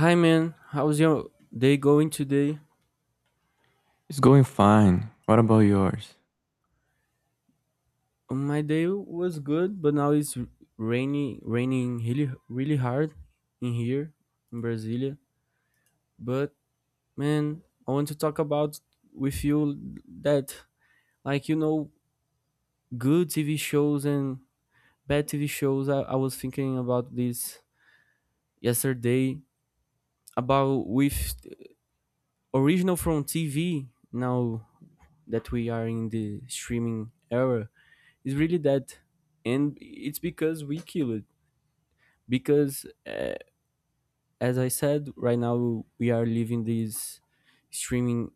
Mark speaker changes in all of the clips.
Speaker 1: Hi man, how's your day going today?
Speaker 2: It's going fine. What about yours?
Speaker 1: My day was good, but now it's raining really, really hard in here in Brasilia. But man, I want to talk about with you that, like good TV shows and bad TV shows. I was thinking about this yesterday about with original from TV. Now that we are in the streaming era, it's really that, and it's because we kill it. Because as I said, right now we are living this streaming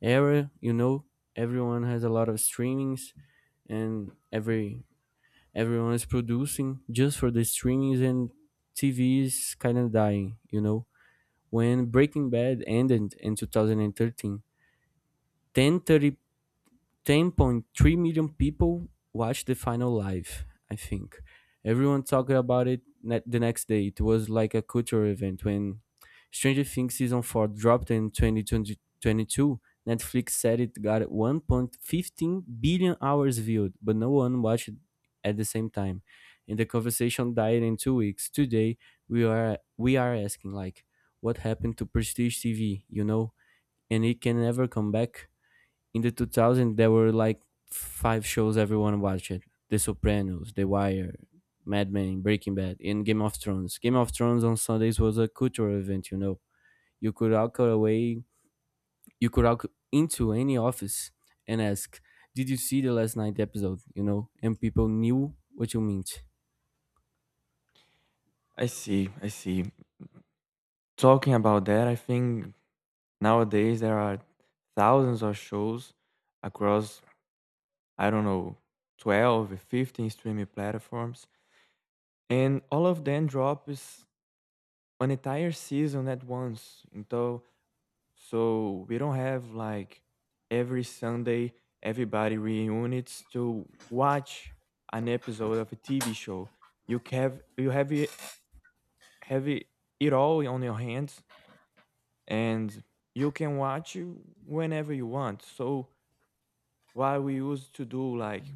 Speaker 1: era. You know, everyone has a lot of streamings, and everyone is producing just for the streamings, and TV is kind of dying. You know, when Breaking Bad ended in 2013, 10:30. 10.3 million people watched the final live, I think. Everyone talked about it the next day. It was like a cultural event when Stranger Things season 4 dropped in 2022. Netflix said it got 1.15 billion hours viewed, but no one watched it at the same time. And the conversation died in 2 weeks. Today, we are asking like what happened to prestige TV, you know? And it can never come back. In the 2000 there were like five shows everyone watched: the Sopranos, the Wire, Mad Men, Breaking Bad, and Game of Thrones. Game of Thrones on Sundays was a cultural event, you know. You could walk away. You could walk into any office and ask, did you see the last night episode? You know, and people knew what you meant.
Speaker 2: I see, I see. Talking about that, I think nowadays there are thousands of shows across, I don't know, 12, 15 streaming platforms, and all of them drop is an entire season at once. Então, so we don't have like every Sunday everybody reunites to watch an episode of a TV show. You have it, it all on your hands and you can watch it whenever you want. So while we used to do like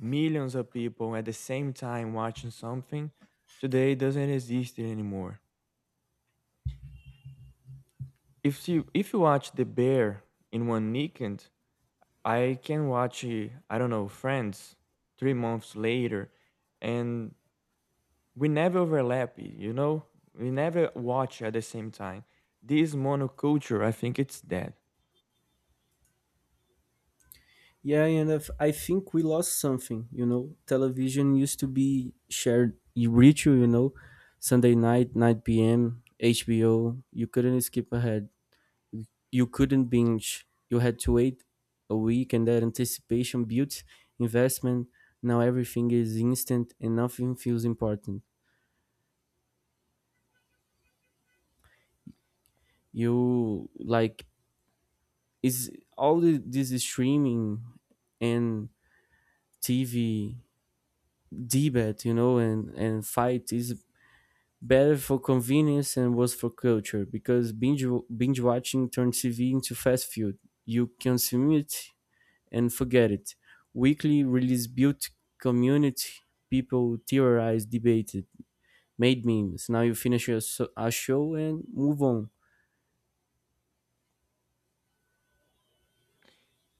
Speaker 2: millions of people at the same time watching something, today doesn't exist anymore. If you watch The Bear in one weekend, I can watch I don't know, Friends 3 months later, and we never overlap. You know, we never watch at the same time. This monoculture, I think it's dead.
Speaker 1: Yeah, and if, I think we lost something, you know. Television used to be shared ritual, you know. Sunday night, 9 p.m., HBO. You couldn't skip ahead. You couldn't binge. You had to wait a week, and that anticipation built investment. Now everything is instant and nothing feels important. You like, is this streaming and TV debate, you know, and fight is better for convenience and worse for culture because binge watching turned TV into fast food. You consume it and forget it. Weekly release built community. People theorized, debated, made memes. Now you finish a show and move on.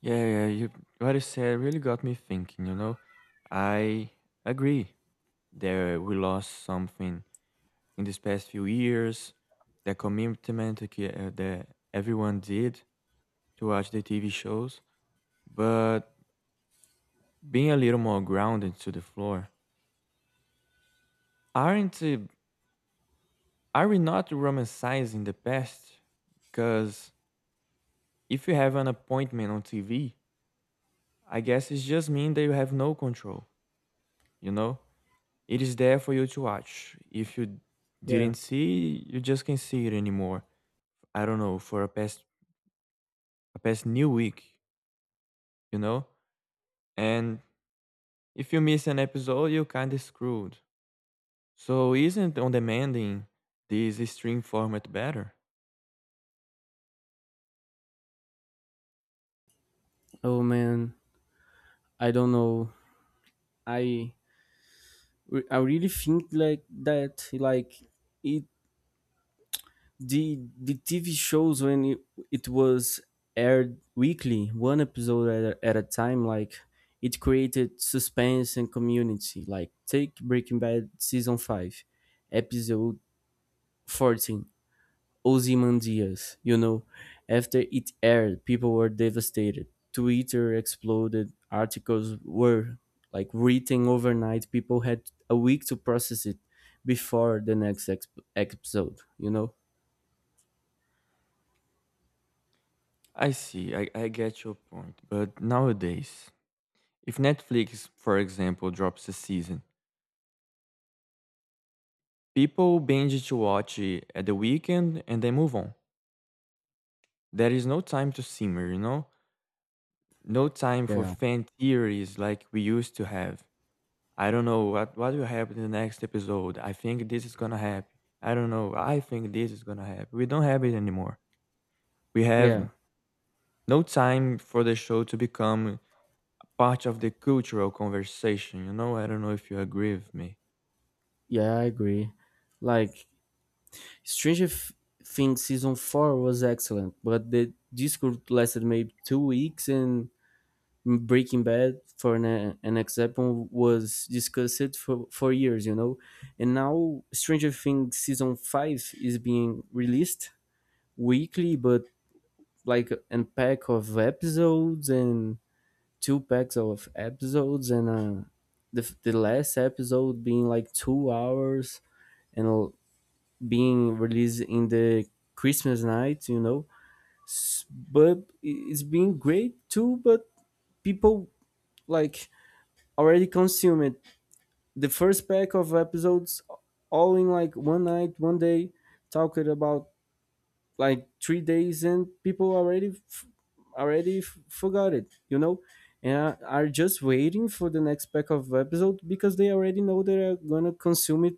Speaker 2: Yeah, yeah, you what you said really got me thinking, you know. I agree that we lost something in these past few years, the commitment that that everyone did to watch the TV shows, but being a little more grounded to the floor. Aren't uh, are we not romanticizing the past? Because if you have an appointment on TV, I guess it's just mean that you have no control, you know? It is there for you to watch. If you
Speaker 1: Yeah.
Speaker 2: didn't see, you just can't see it anymore. I don't know, for a past new week, you know? And if you miss an episode, you kinda screwed. So isn't on demanding this stream format better?
Speaker 1: Oh man, I don't know. I I really think like that. Like it the TV shows when it was aired weekly, one episode at a time, like it created suspense and community. Like take Breaking Bad season 5, episode 14, Ozymandias. You know, after it aired, people were devastated. Twitter exploded. Articles were like written overnight. People had a week to process it before the next episode. You know.
Speaker 2: I see, I get your point. But nowadays, if Netflix, for example, drops a season, people binge to watch it at the weekend and then move on. There is no time to simmer, you know? No time for
Speaker 1: Yeah.
Speaker 2: fan theories like we used to have. I don't know what will happen in the next episode. I think this is gonna happen. I don't know. I think this is gonna happen. We don't have it anymore. We
Speaker 1: Yeah.
Speaker 2: have no time for the show to become part of the cultural conversation. You know, I don't know if you agree with me.
Speaker 1: Yeah, I agree. Like Stranger Things season 4 was excellent, but the Discord lasted maybe 2 weeks, and Breaking Bad, for an example, was discussed for years, you know. And now Stranger Things season 5 is being released weekly, but like an pack of episodes and two packs of episodes, and the last episode being like 2 hours and being released in the Christmas night, you know. But it's been great too, but people like already consume it. The first pack of episodes all in like one night, 1 day, talking about like 3 days and people already forgot it, you know, and are just waiting for the next pack of episode because they already know they are gonna consume it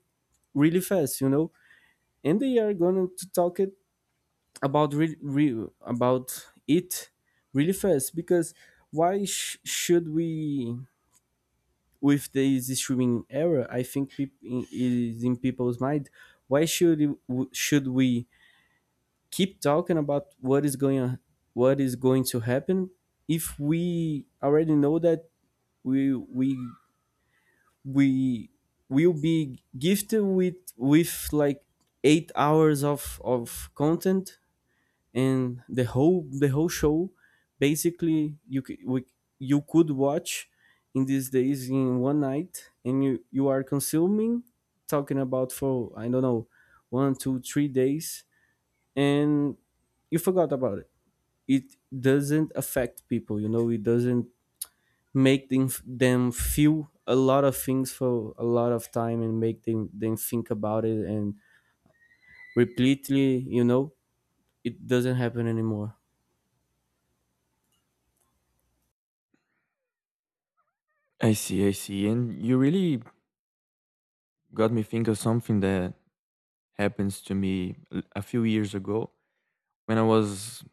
Speaker 1: really fast, you know, and they are gonna to talk it about it really fast because why should we with this streaming era I think is in people's mind why should we keep talking about what is going on, what is going to happen if we already know that we we we will be gifted with like 8 hours of content and the whole show basically you could watch in these days in one night and you are consuming talking about for I don't know one two three days and you forgot about it. It doesn't affect people, you know, it doesn't make them feel a lot of things for a lot of time and make them think about it and repeatedly, you know. It doesn't happen anymore.
Speaker 2: I see, I see. And you really got me think of something that happens to me a few years ago. When I was,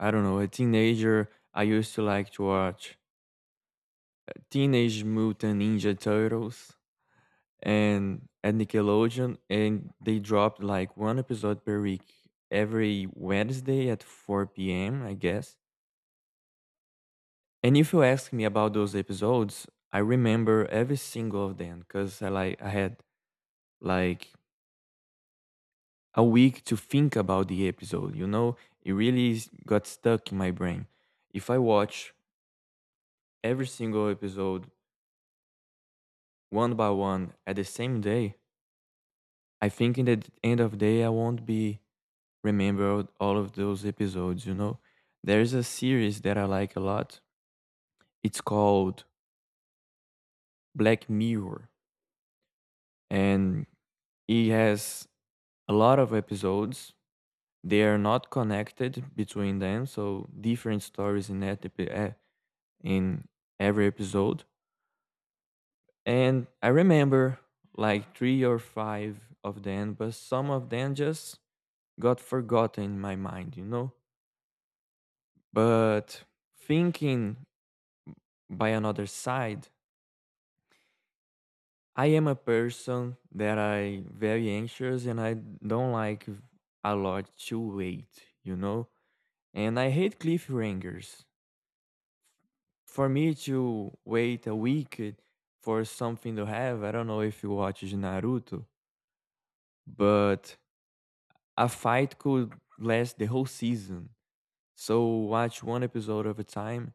Speaker 2: I don't know, a teenager, I used to like to watch Teenage Mutant Ninja Turtles and at Nickelodeon, and they dropped like one episode per week every Wednesday at 4 p.m., I guess. And if you ask me about those episodes, I remember every single of them because I had like a week to think about the episode. You know, it really got stuck in my brain. If I watch every single episode one by one at the same day, I think in the end of the day I won't be remember all of those episodes, you know? There's a series that I like a lot. It's called Black Mirror, and it has a lot of episodes. They are not connected between them, so different stories in in every episode. And I remember like three or five of them, but some of them just got forgotten in my mind, you know? But thinking by another side, I am a person that I very anxious and I don't like a lot to wait, you know? And I hate cliffhangers. For me to wait a week for something to have, I don't know if you watch Naruto, but a fight could last the whole season. So watch one episode at a time.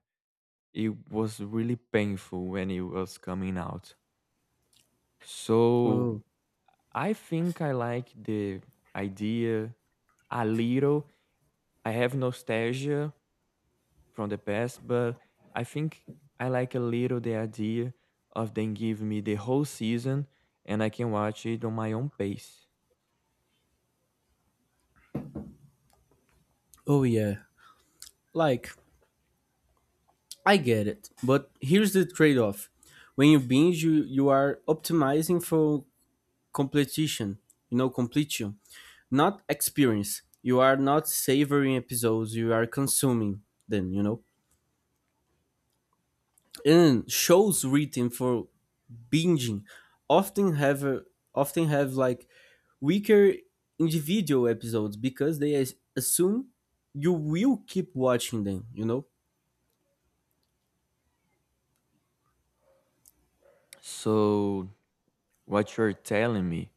Speaker 2: It was really painful when it was coming out. So
Speaker 1: oh
Speaker 2: I think I like the idea a little. I have nostalgia from the past, but I think I like a little the idea of them giving me the whole season and I can watch it on my own pace.
Speaker 1: oh yeah. Like, I get it, but here's the trade off. When you binge, you are optimizing for completion, you know, completion, not experience. You are not savoring episodes, you are consuming them, you know. And shows written for binging often have a, often have like weaker individual episodes because they assume you will keep watching them, you know.
Speaker 2: So, what you're telling me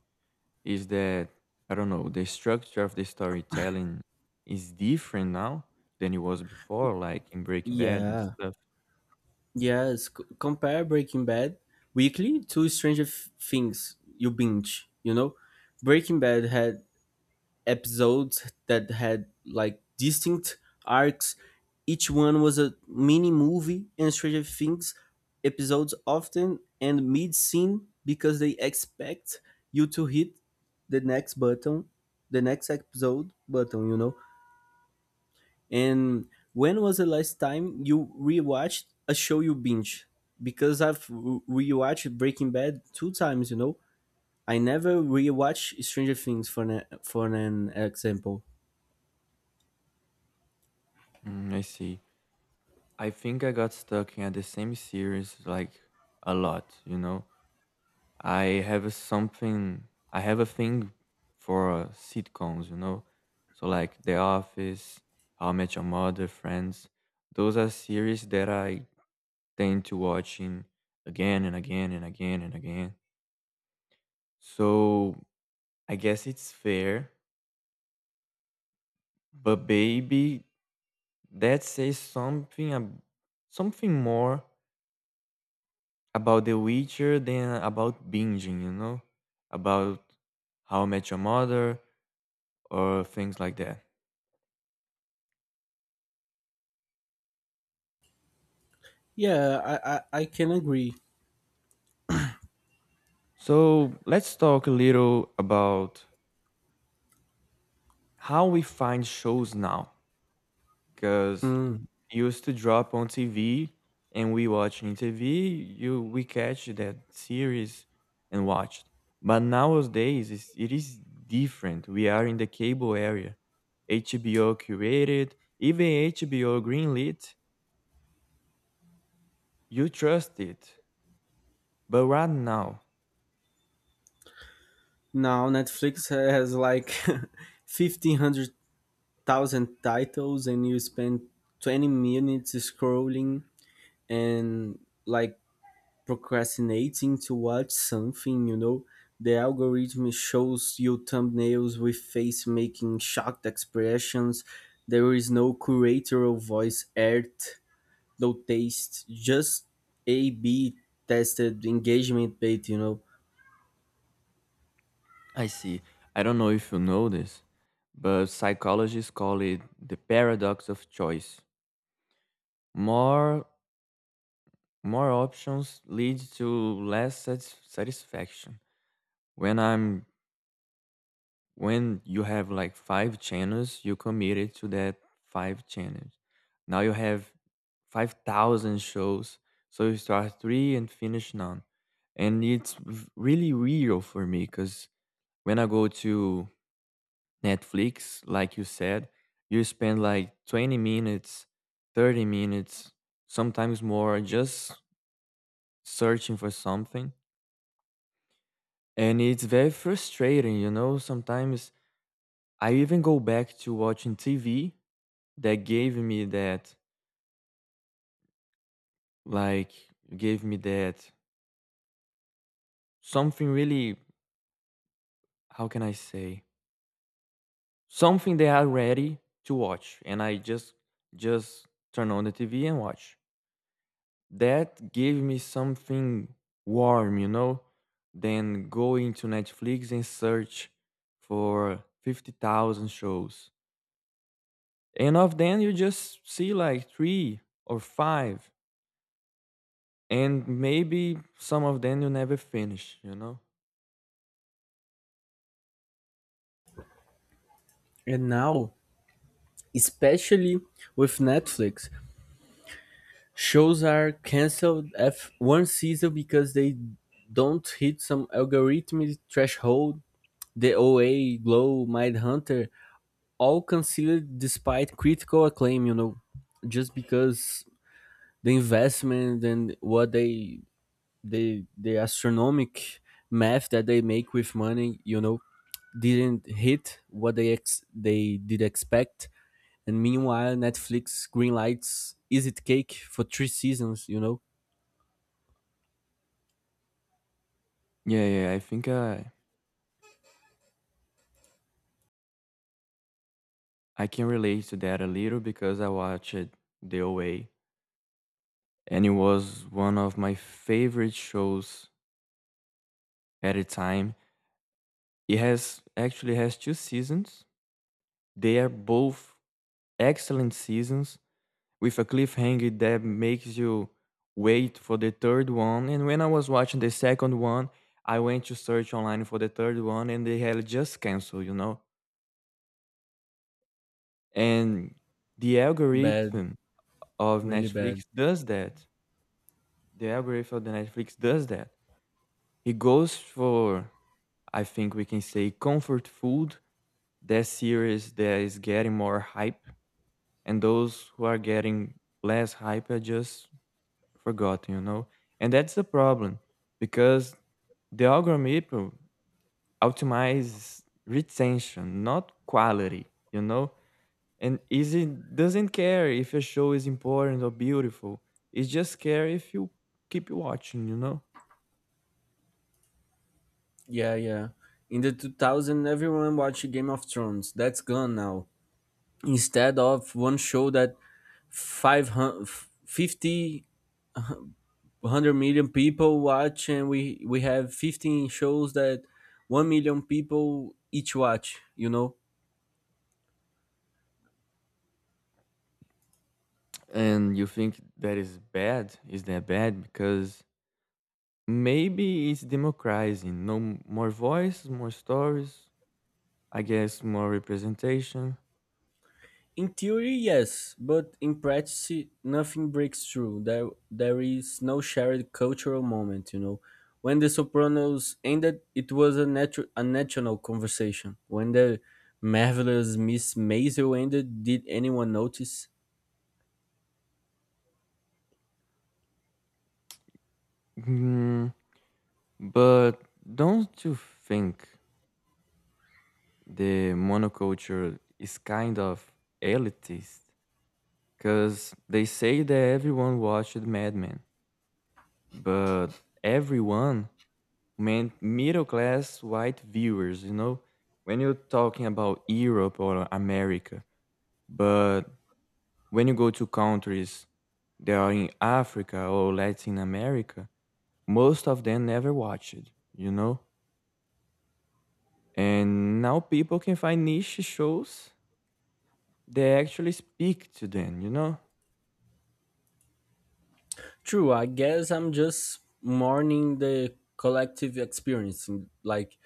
Speaker 2: is that, I don't know, the structure of the storytelling is different now than it was before, like in Breaking Bad and
Speaker 1: Yeah.
Speaker 2: stuff.
Speaker 1: Yes, compare Breaking Bad weekly to Stranger Things. You binge, you know. Breaking Bad had episodes that had like distinct arcs. Each one was a mini movie, and Stranger Things episodes often end mid scene because they expect you to hit the next button, the next episode button, you know. And when was the last time you rewatched a show you binge? Because I've rewatched Breaking Bad 2 times, you know. I never rewatch Stranger Things for an example.
Speaker 2: Mm, I see. I think I got stuck in the same series like a lot, you know? I have a something I have a thing for sitcoms, you know? So like The Office, How I Met Your Mother, Friends. Those are series that I tend to watching again and again and again and again. So I guess it's fair, but baby, that says something something more about The Witcher than about binging, you know? About How I Met Your Mother or things like that.
Speaker 1: Yeah, I can agree.
Speaker 2: So let's talk a little about how we find shows now. Because
Speaker 1: Mm.
Speaker 2: used to drop on TV and we watch in TV, you we catch that series and watched. But nowadays it is different. We are in the cable area. HBO curated, even HBO greenlit. You trust it. But right now,
Speaker 1: Now Netflix has like fifteen hundred thousand titles, and you spend 20 minutes scrolling and like procrastinating to watch something, you know. The algorithm shows you thumbnails with face making shocked expressions. There is no curatorial voice art, no taste, just A B tested engagement bait, you know.
Speaker 2: I see. I don't know if you know this, but psychologists call it the paradox of choice. More More options lead to satisfaction. When I'm when you have like five channels, you committed to that five channels. Now you have 5,000 shows, so you start three and finish none. And really real for me because when I go to Netflix, like you said, you spend like 20 minutes, 30 minutes, sometimes more, just searching for something. And it's very frustrating, you know. Sometimes I even go back to watching TV that gave me that, like, gave me that something really, how can I say, something they are ready to watch. Just turn on the TV and watch. That gave me something warm, you know, than going to Netflix and search for 50,000 shows. And of them, you just see like three or five. And maybe some of them you never finish, you know?
Speaker 1: And now, especially with Netflix, shows are canceled af one season because they don't hit some algorithmic threshold. The OA, Glow, Mindhunter, all considered despite critical acclaim, you know, just because the investment and what they the astronomic math that they make with money, you know, didn't hit what they they did expect. And meanwhile, Netflix greenlights Is It Cake for three seasons, you know,
Speaker 2: Yeah, yeah, I think I can relate to that a little because I watched The Away and it was one of my favorite shows at a time. It has actually has two seasons. They are both excellent seasons with a cliffhanger that makes you wait for the third one. And when I was watching the second one, I went to search online for the third one and they had just canceled, you know? And the
Speaker 1: bad,
Speaker 2: algorithm of
Speaker 1: really bad.
Speaker 2: Netflix does that. The algorithm of the Netflix does that. It goes for, I think we can say, comfort food, that series that is getting more hype, and those who are getting less hype are just forgotten, you know? And that's the problem because the algorithm optimizes retention, not quality, you know? And is it doesn't care if a show is important or beautiful. It just care if you keep watching, you know?
Speaker 1: Yeah, yeah. In the 2000, everyone watched Game of Thrones. That's gone now. Instead of one show that 500 50 100 million people watch, and we have 15 shows that 1 million people each watch, you know.
Speaker 2: And you think that is bad? Is that bad? Because maybe it's democratizing. No m- More voice, more stories, I guess more representation.
Speaker 1: In theory, yes, but in practice, nothing breaks through. There is no shared cultural moment, you know. When the Sopranos ended, it was a national conversation. When the Marvelous Miss Maisel ended, did anyone notice?
Speaker 2: Hmm. But don't you think the monoculture is kind of elitist? Because they say that everyone watched Mad Men, but everyone meant middle class white viewers, you know? When you're talking about Europe or America, but when you go to countries that are in Africa or Latin America, most of them never watched, you know? And now people can find niche shows that actually speak to them, you know?
Speaker 1: True, I guess I'm just mourning the collective experience. Like,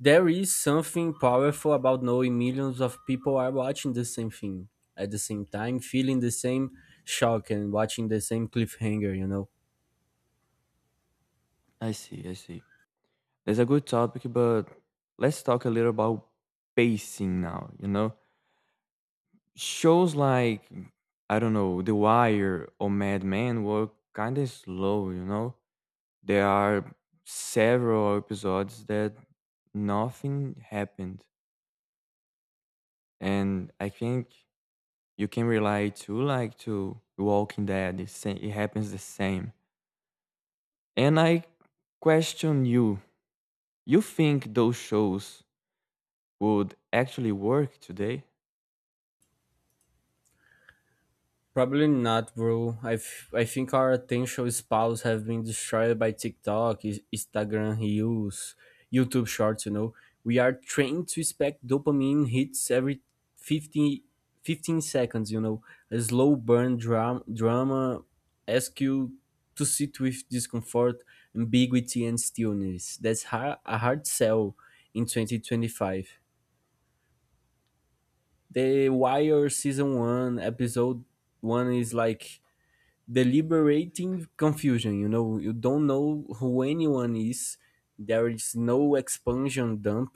Speaker 1: there is something powerful about knowing millions of people are watching the same thing at the same time, feeling the same shock and watching the same cliffhanger, you know?
Speaker 2: I see, I see. That's a good topic, but let's talk a little about pacing now, you know? Shows like, I don't know, The Wire or Mad Men were kind of slow, you know? There are several episodes that nothing happened. And I think you can rely to like to Walking Dead. It happens the same. And I question you. You think those shows would actually work today?
Speaker 1: Probably not, bro. I think our attention spans have been destroyed by TikTok, Instagram Reels, YouTube Shorts, you know. We are trained to expect dopamine hits every 15 15 seconds, you know. A slow burn drama asks you to sit with discomfort, ambiguity, and stillness. That's a hard sell in 2025. The Wire Season 1, Episode 1 is like deliberating confusion. You know, you don't know who anyone is. There is no expansion dump.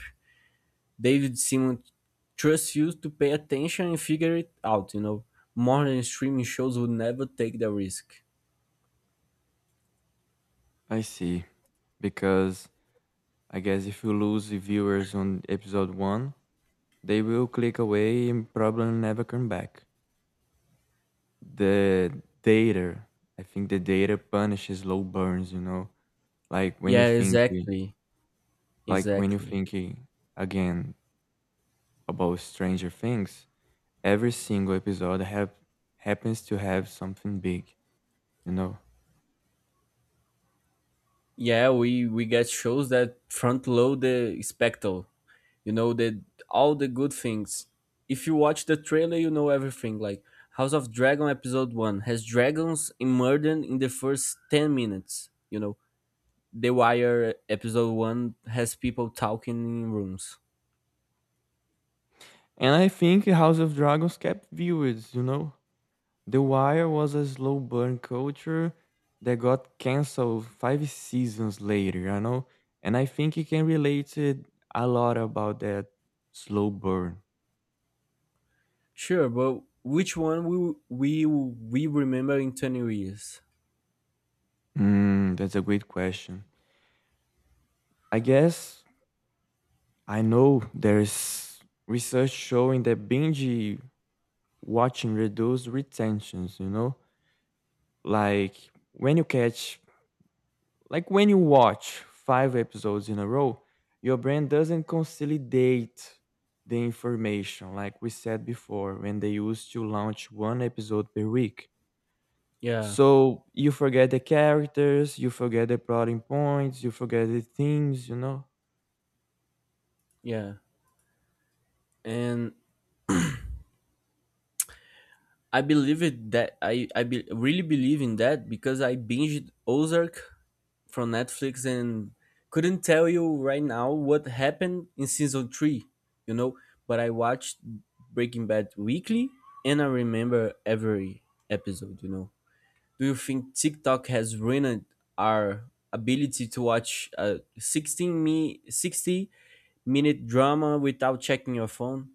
Speaker 1: David Simon trusts you to pay attention and figure it out. You know, modern streaming shows would never take the risk.
Speaker 2: I see. Because I guess if you lose the viewers on episode 1, they will click away and probably never come back. The data, I think the data punishes low burns, you know? Like when you
Speaker 1: Yeah,
Speaker 2: think
Speaker 1: exactly,
Speaker 2: like when you
Speaker 1: exactly.
Speaker 2: thinking again about Stranger Things, every single episode have happens to have something big, you know?
Speaker 1: Yeah, we get shows that front load the spectacle. You know, that all the good things, if you watch the trailer you know everything. Like House of Dragon episode 1 has dragons murdered in the first 10 minutes, you know. The Wire episode 1 has people talking in rooms.
Speaker 2: And I think House of Dragons kept viewers, you know? The Wire was a slow burn culture that got canceled five seasons later, you know? And I think you can relate it a lot about that slow burn.
Speaker 1: Sure, but which one will we remember in 20 years?
Speaker 2: Hmm, that's a great question. I guess I know there's research showing that binge watching reduces retentions, you know? Like when you catch Like when you watch five episodes in a row, your brain doesn't consolidate the information like we said before when they used to launch one episode per week.
Speaker 1: Yeah,
Speaker 2: So you forget the characters, you forget the plotting points, you forget the themes, you know?
Speaker 1: yeah, and I believe it, that I really believe in that because I binged Ozark from Netflix and couldn't tell you right now what happened in season 3, you know. But I watched Breaking Bad weekly and I remember every episode, you know. Do you think TikTok has ruined our ability to watch a 16 me 60-minute drama without checking your phone?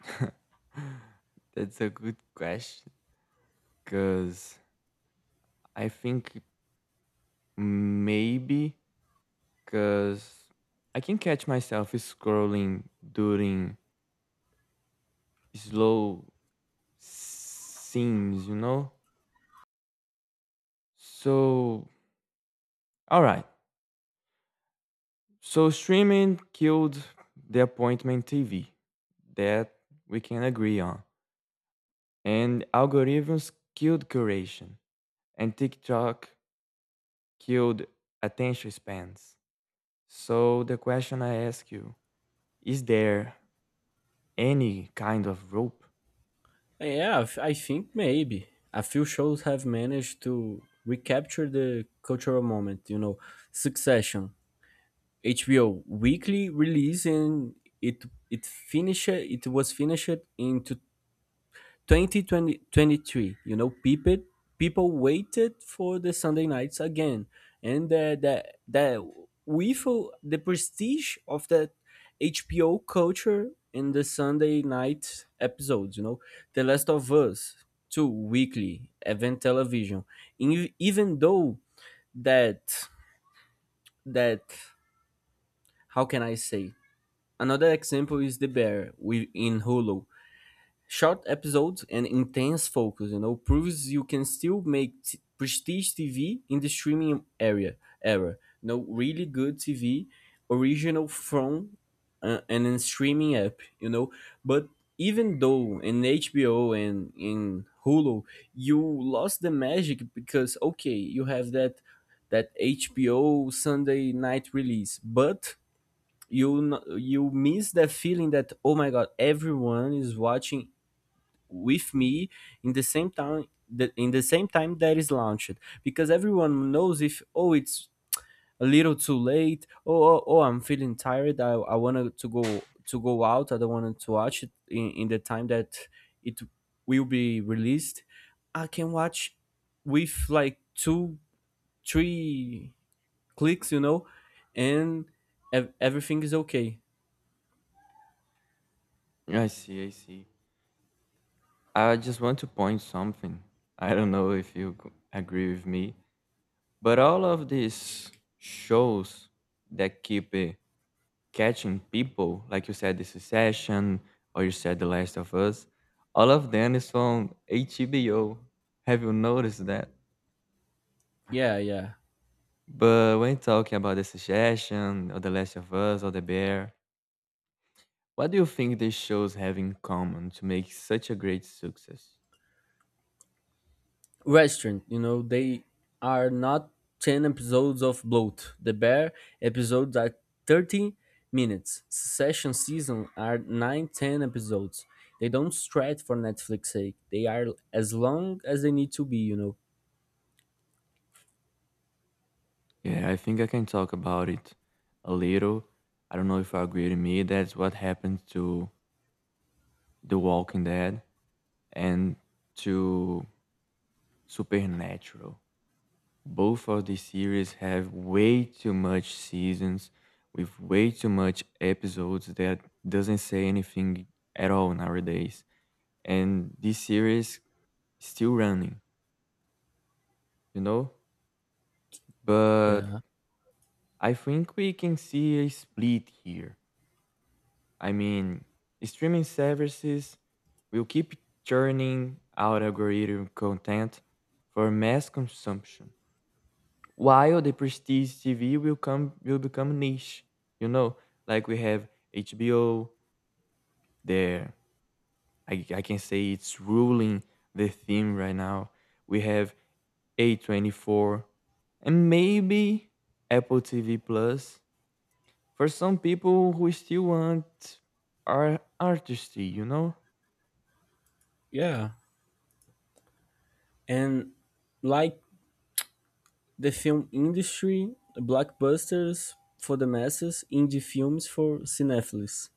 Speaker 2: That's a good question. Because I think maybe because I can catch myself scrolling during slow scenes, you know? So, all right. So, streaming killed the appointment TV that we can agree on. And algorithms killed curation. And TikTok killed attention spans. So, the question I ask you is there any kind of rope?
Speaker 1: Yeah, I think maybe. A few shows have managed to recapture the cultural moment, you know. Succession, HBO weekly release, and it it was finished into 2023. You know, people waited for the Sunday nights again, and the we feel the prestige of that HBO culture in the Sunday night episodes, you know. The Last of Us two, weekly event television. Even though that that how can I say, another example is The Bear with in Hulu. Short episodes and intense focus, you know, proves you can still make prestige TV in the streaming area era. You know, really good TV, original from and streaming app, you know. But even though in HBO and in Hulu, you lost the magic because okay, you have that HBO Sunday night release, but you you miss that feeling that oh my god everyone is watching with me in the same time that is launched because everyone knows, if oh it's a little too late, I'm feeling tired, I want to go out, I don't want to watch it in the time that it will be released, I can watch with like two three clicks, you know, and everything is okay.
Speaker 2: I see, I see. I just want to point something. I don't know if you agree with me, but all of these shows that keep catching people, like you said, The Succession, or you said The Last of Us, all of them is from HBO. Have you noticed that?
Speaker 1: Yeah, yeah.
Speaker 2: But when talking about The Succession, or The Last of Us, or The Bear, what do you think these shows have in common to make such a great success?
Speaker 1: Restaurant. You know, they are not 10 episodes of bloat. The Bear episodes are 30 minutes. Succession season are 9 10 episodes. They don't stretch for Netflix sake. They are as long as they need to be, you know.
Speaker 2: Yeah, I think I can talk about it a little. I don't know if you agree with me. That's what happened to The Walking Dead and to Supernatural. Both of these series have way too much seasons with way too much episodes that doesn't say anything at all nowadays. And this series is still running, you know? But
Speaker 1: Yeah.
Speaker 2: I think we can see a split here. I mean, streaming services will keep churning out algorithm content for mass consumption while the prestige TV will become niche. You know, like we have HBO there. I can say it's ruling the theme right now. We have A24 and maybe Apple TV Plus for some people who still want our artistry, you know?
Speaker 1: Yeah. And like the film industry, blockbusters for the masses, indie films for cinephiles.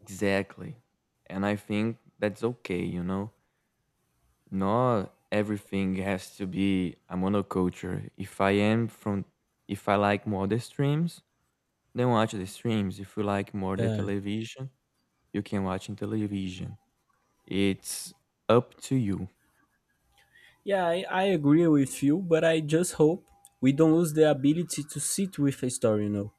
Speaker 2: Exactly. And I think that's okay, you know? Not everything has to be a monoculture. If I like more the streams, then watch the streams. If you like more the
Speaker 1: Yeah.
Speaker 2: television, you can watch in television. It's up to you.
Speaker 1: Yeah, I agree with you, but I just hope we don't lose the ability to sit with a story, you know,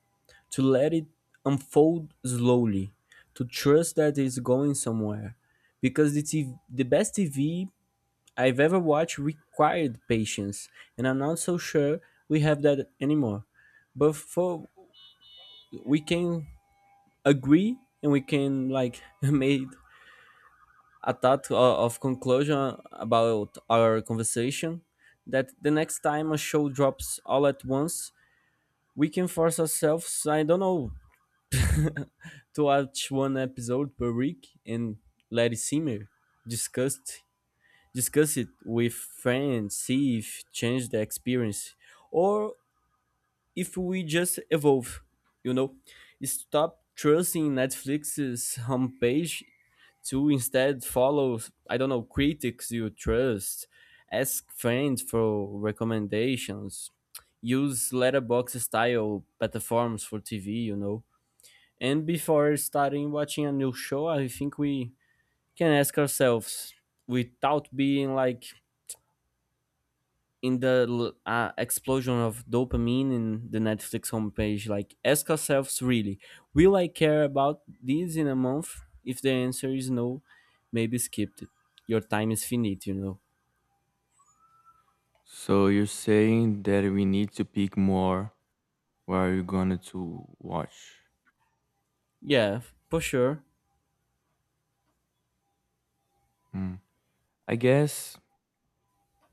Speaker 1: to let it unfold slowly, to trust that it's going somewhere. Because TV, the best T have ever watched required patience, and I'm not so sure we have that anymore. But for we can agree, and we can like made a thought of conclusion about our conversation that the next time a show drops all at once, we can force ourselves, I don't know, to watch one episode per week and let it simmer, discuss, discuss it with friends, see if change the experience, or if we just evolve, you know. Stop trusting Netflix's homepage to instead follow, I don't know, critics you trust, ask friends for recommendations, use letterbox style platforms for TV, you know, and before starting watching a new show I think we can ask ourselves without being like in the explosion of dopamine in the Netflix homepage. Like, ask ourselves really, will I care about this in a month? If the answer is no, maybe skip it. Your time is finite, you know.
Speaker 2: So you're saying that we need to pick more what you're going to watch.
Speaker 1: Yeah, for sure.
Speaker 2: Hmm. I guess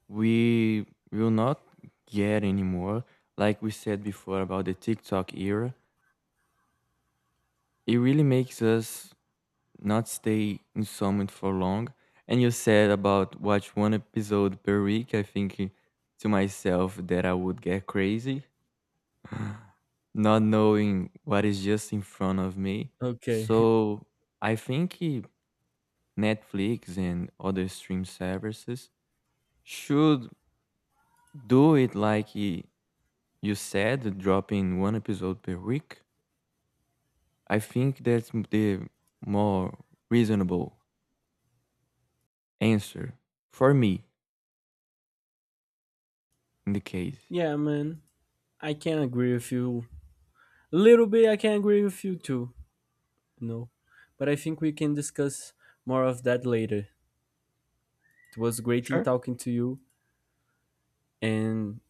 Speaker 2: we will not get anymore. Like we said before about the TikTok era, it really makes us not stay in summit for long. And you said about watch one episode per week. I think to myself that I would get crazy, not knowing what is just in front of me.
Speaker 1: Okay.
Speaker 2: So I think Netflix and other stream services should do it like you said, dropping one episode per week. I think the more reasonable answer for me. In the case.
Speaker 1: Yeah, man. I can agree with you. A little bit, I can agree with you too. No. But I think we can discuss more of that later. It was great in
Speaker 2: Sure.
Speaker 1: talking to you, and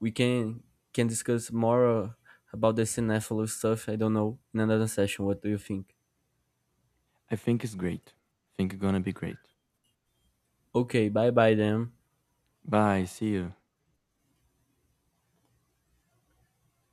Speaker 1: we can discuss more about the Cinephilo stuff. I don't know, in another session. What do you think?
Speaker 2: I think it's great. I think it's gonna be great.
Speaker 1: Okay, bye bye then.
Speaker 2: Bye. See you.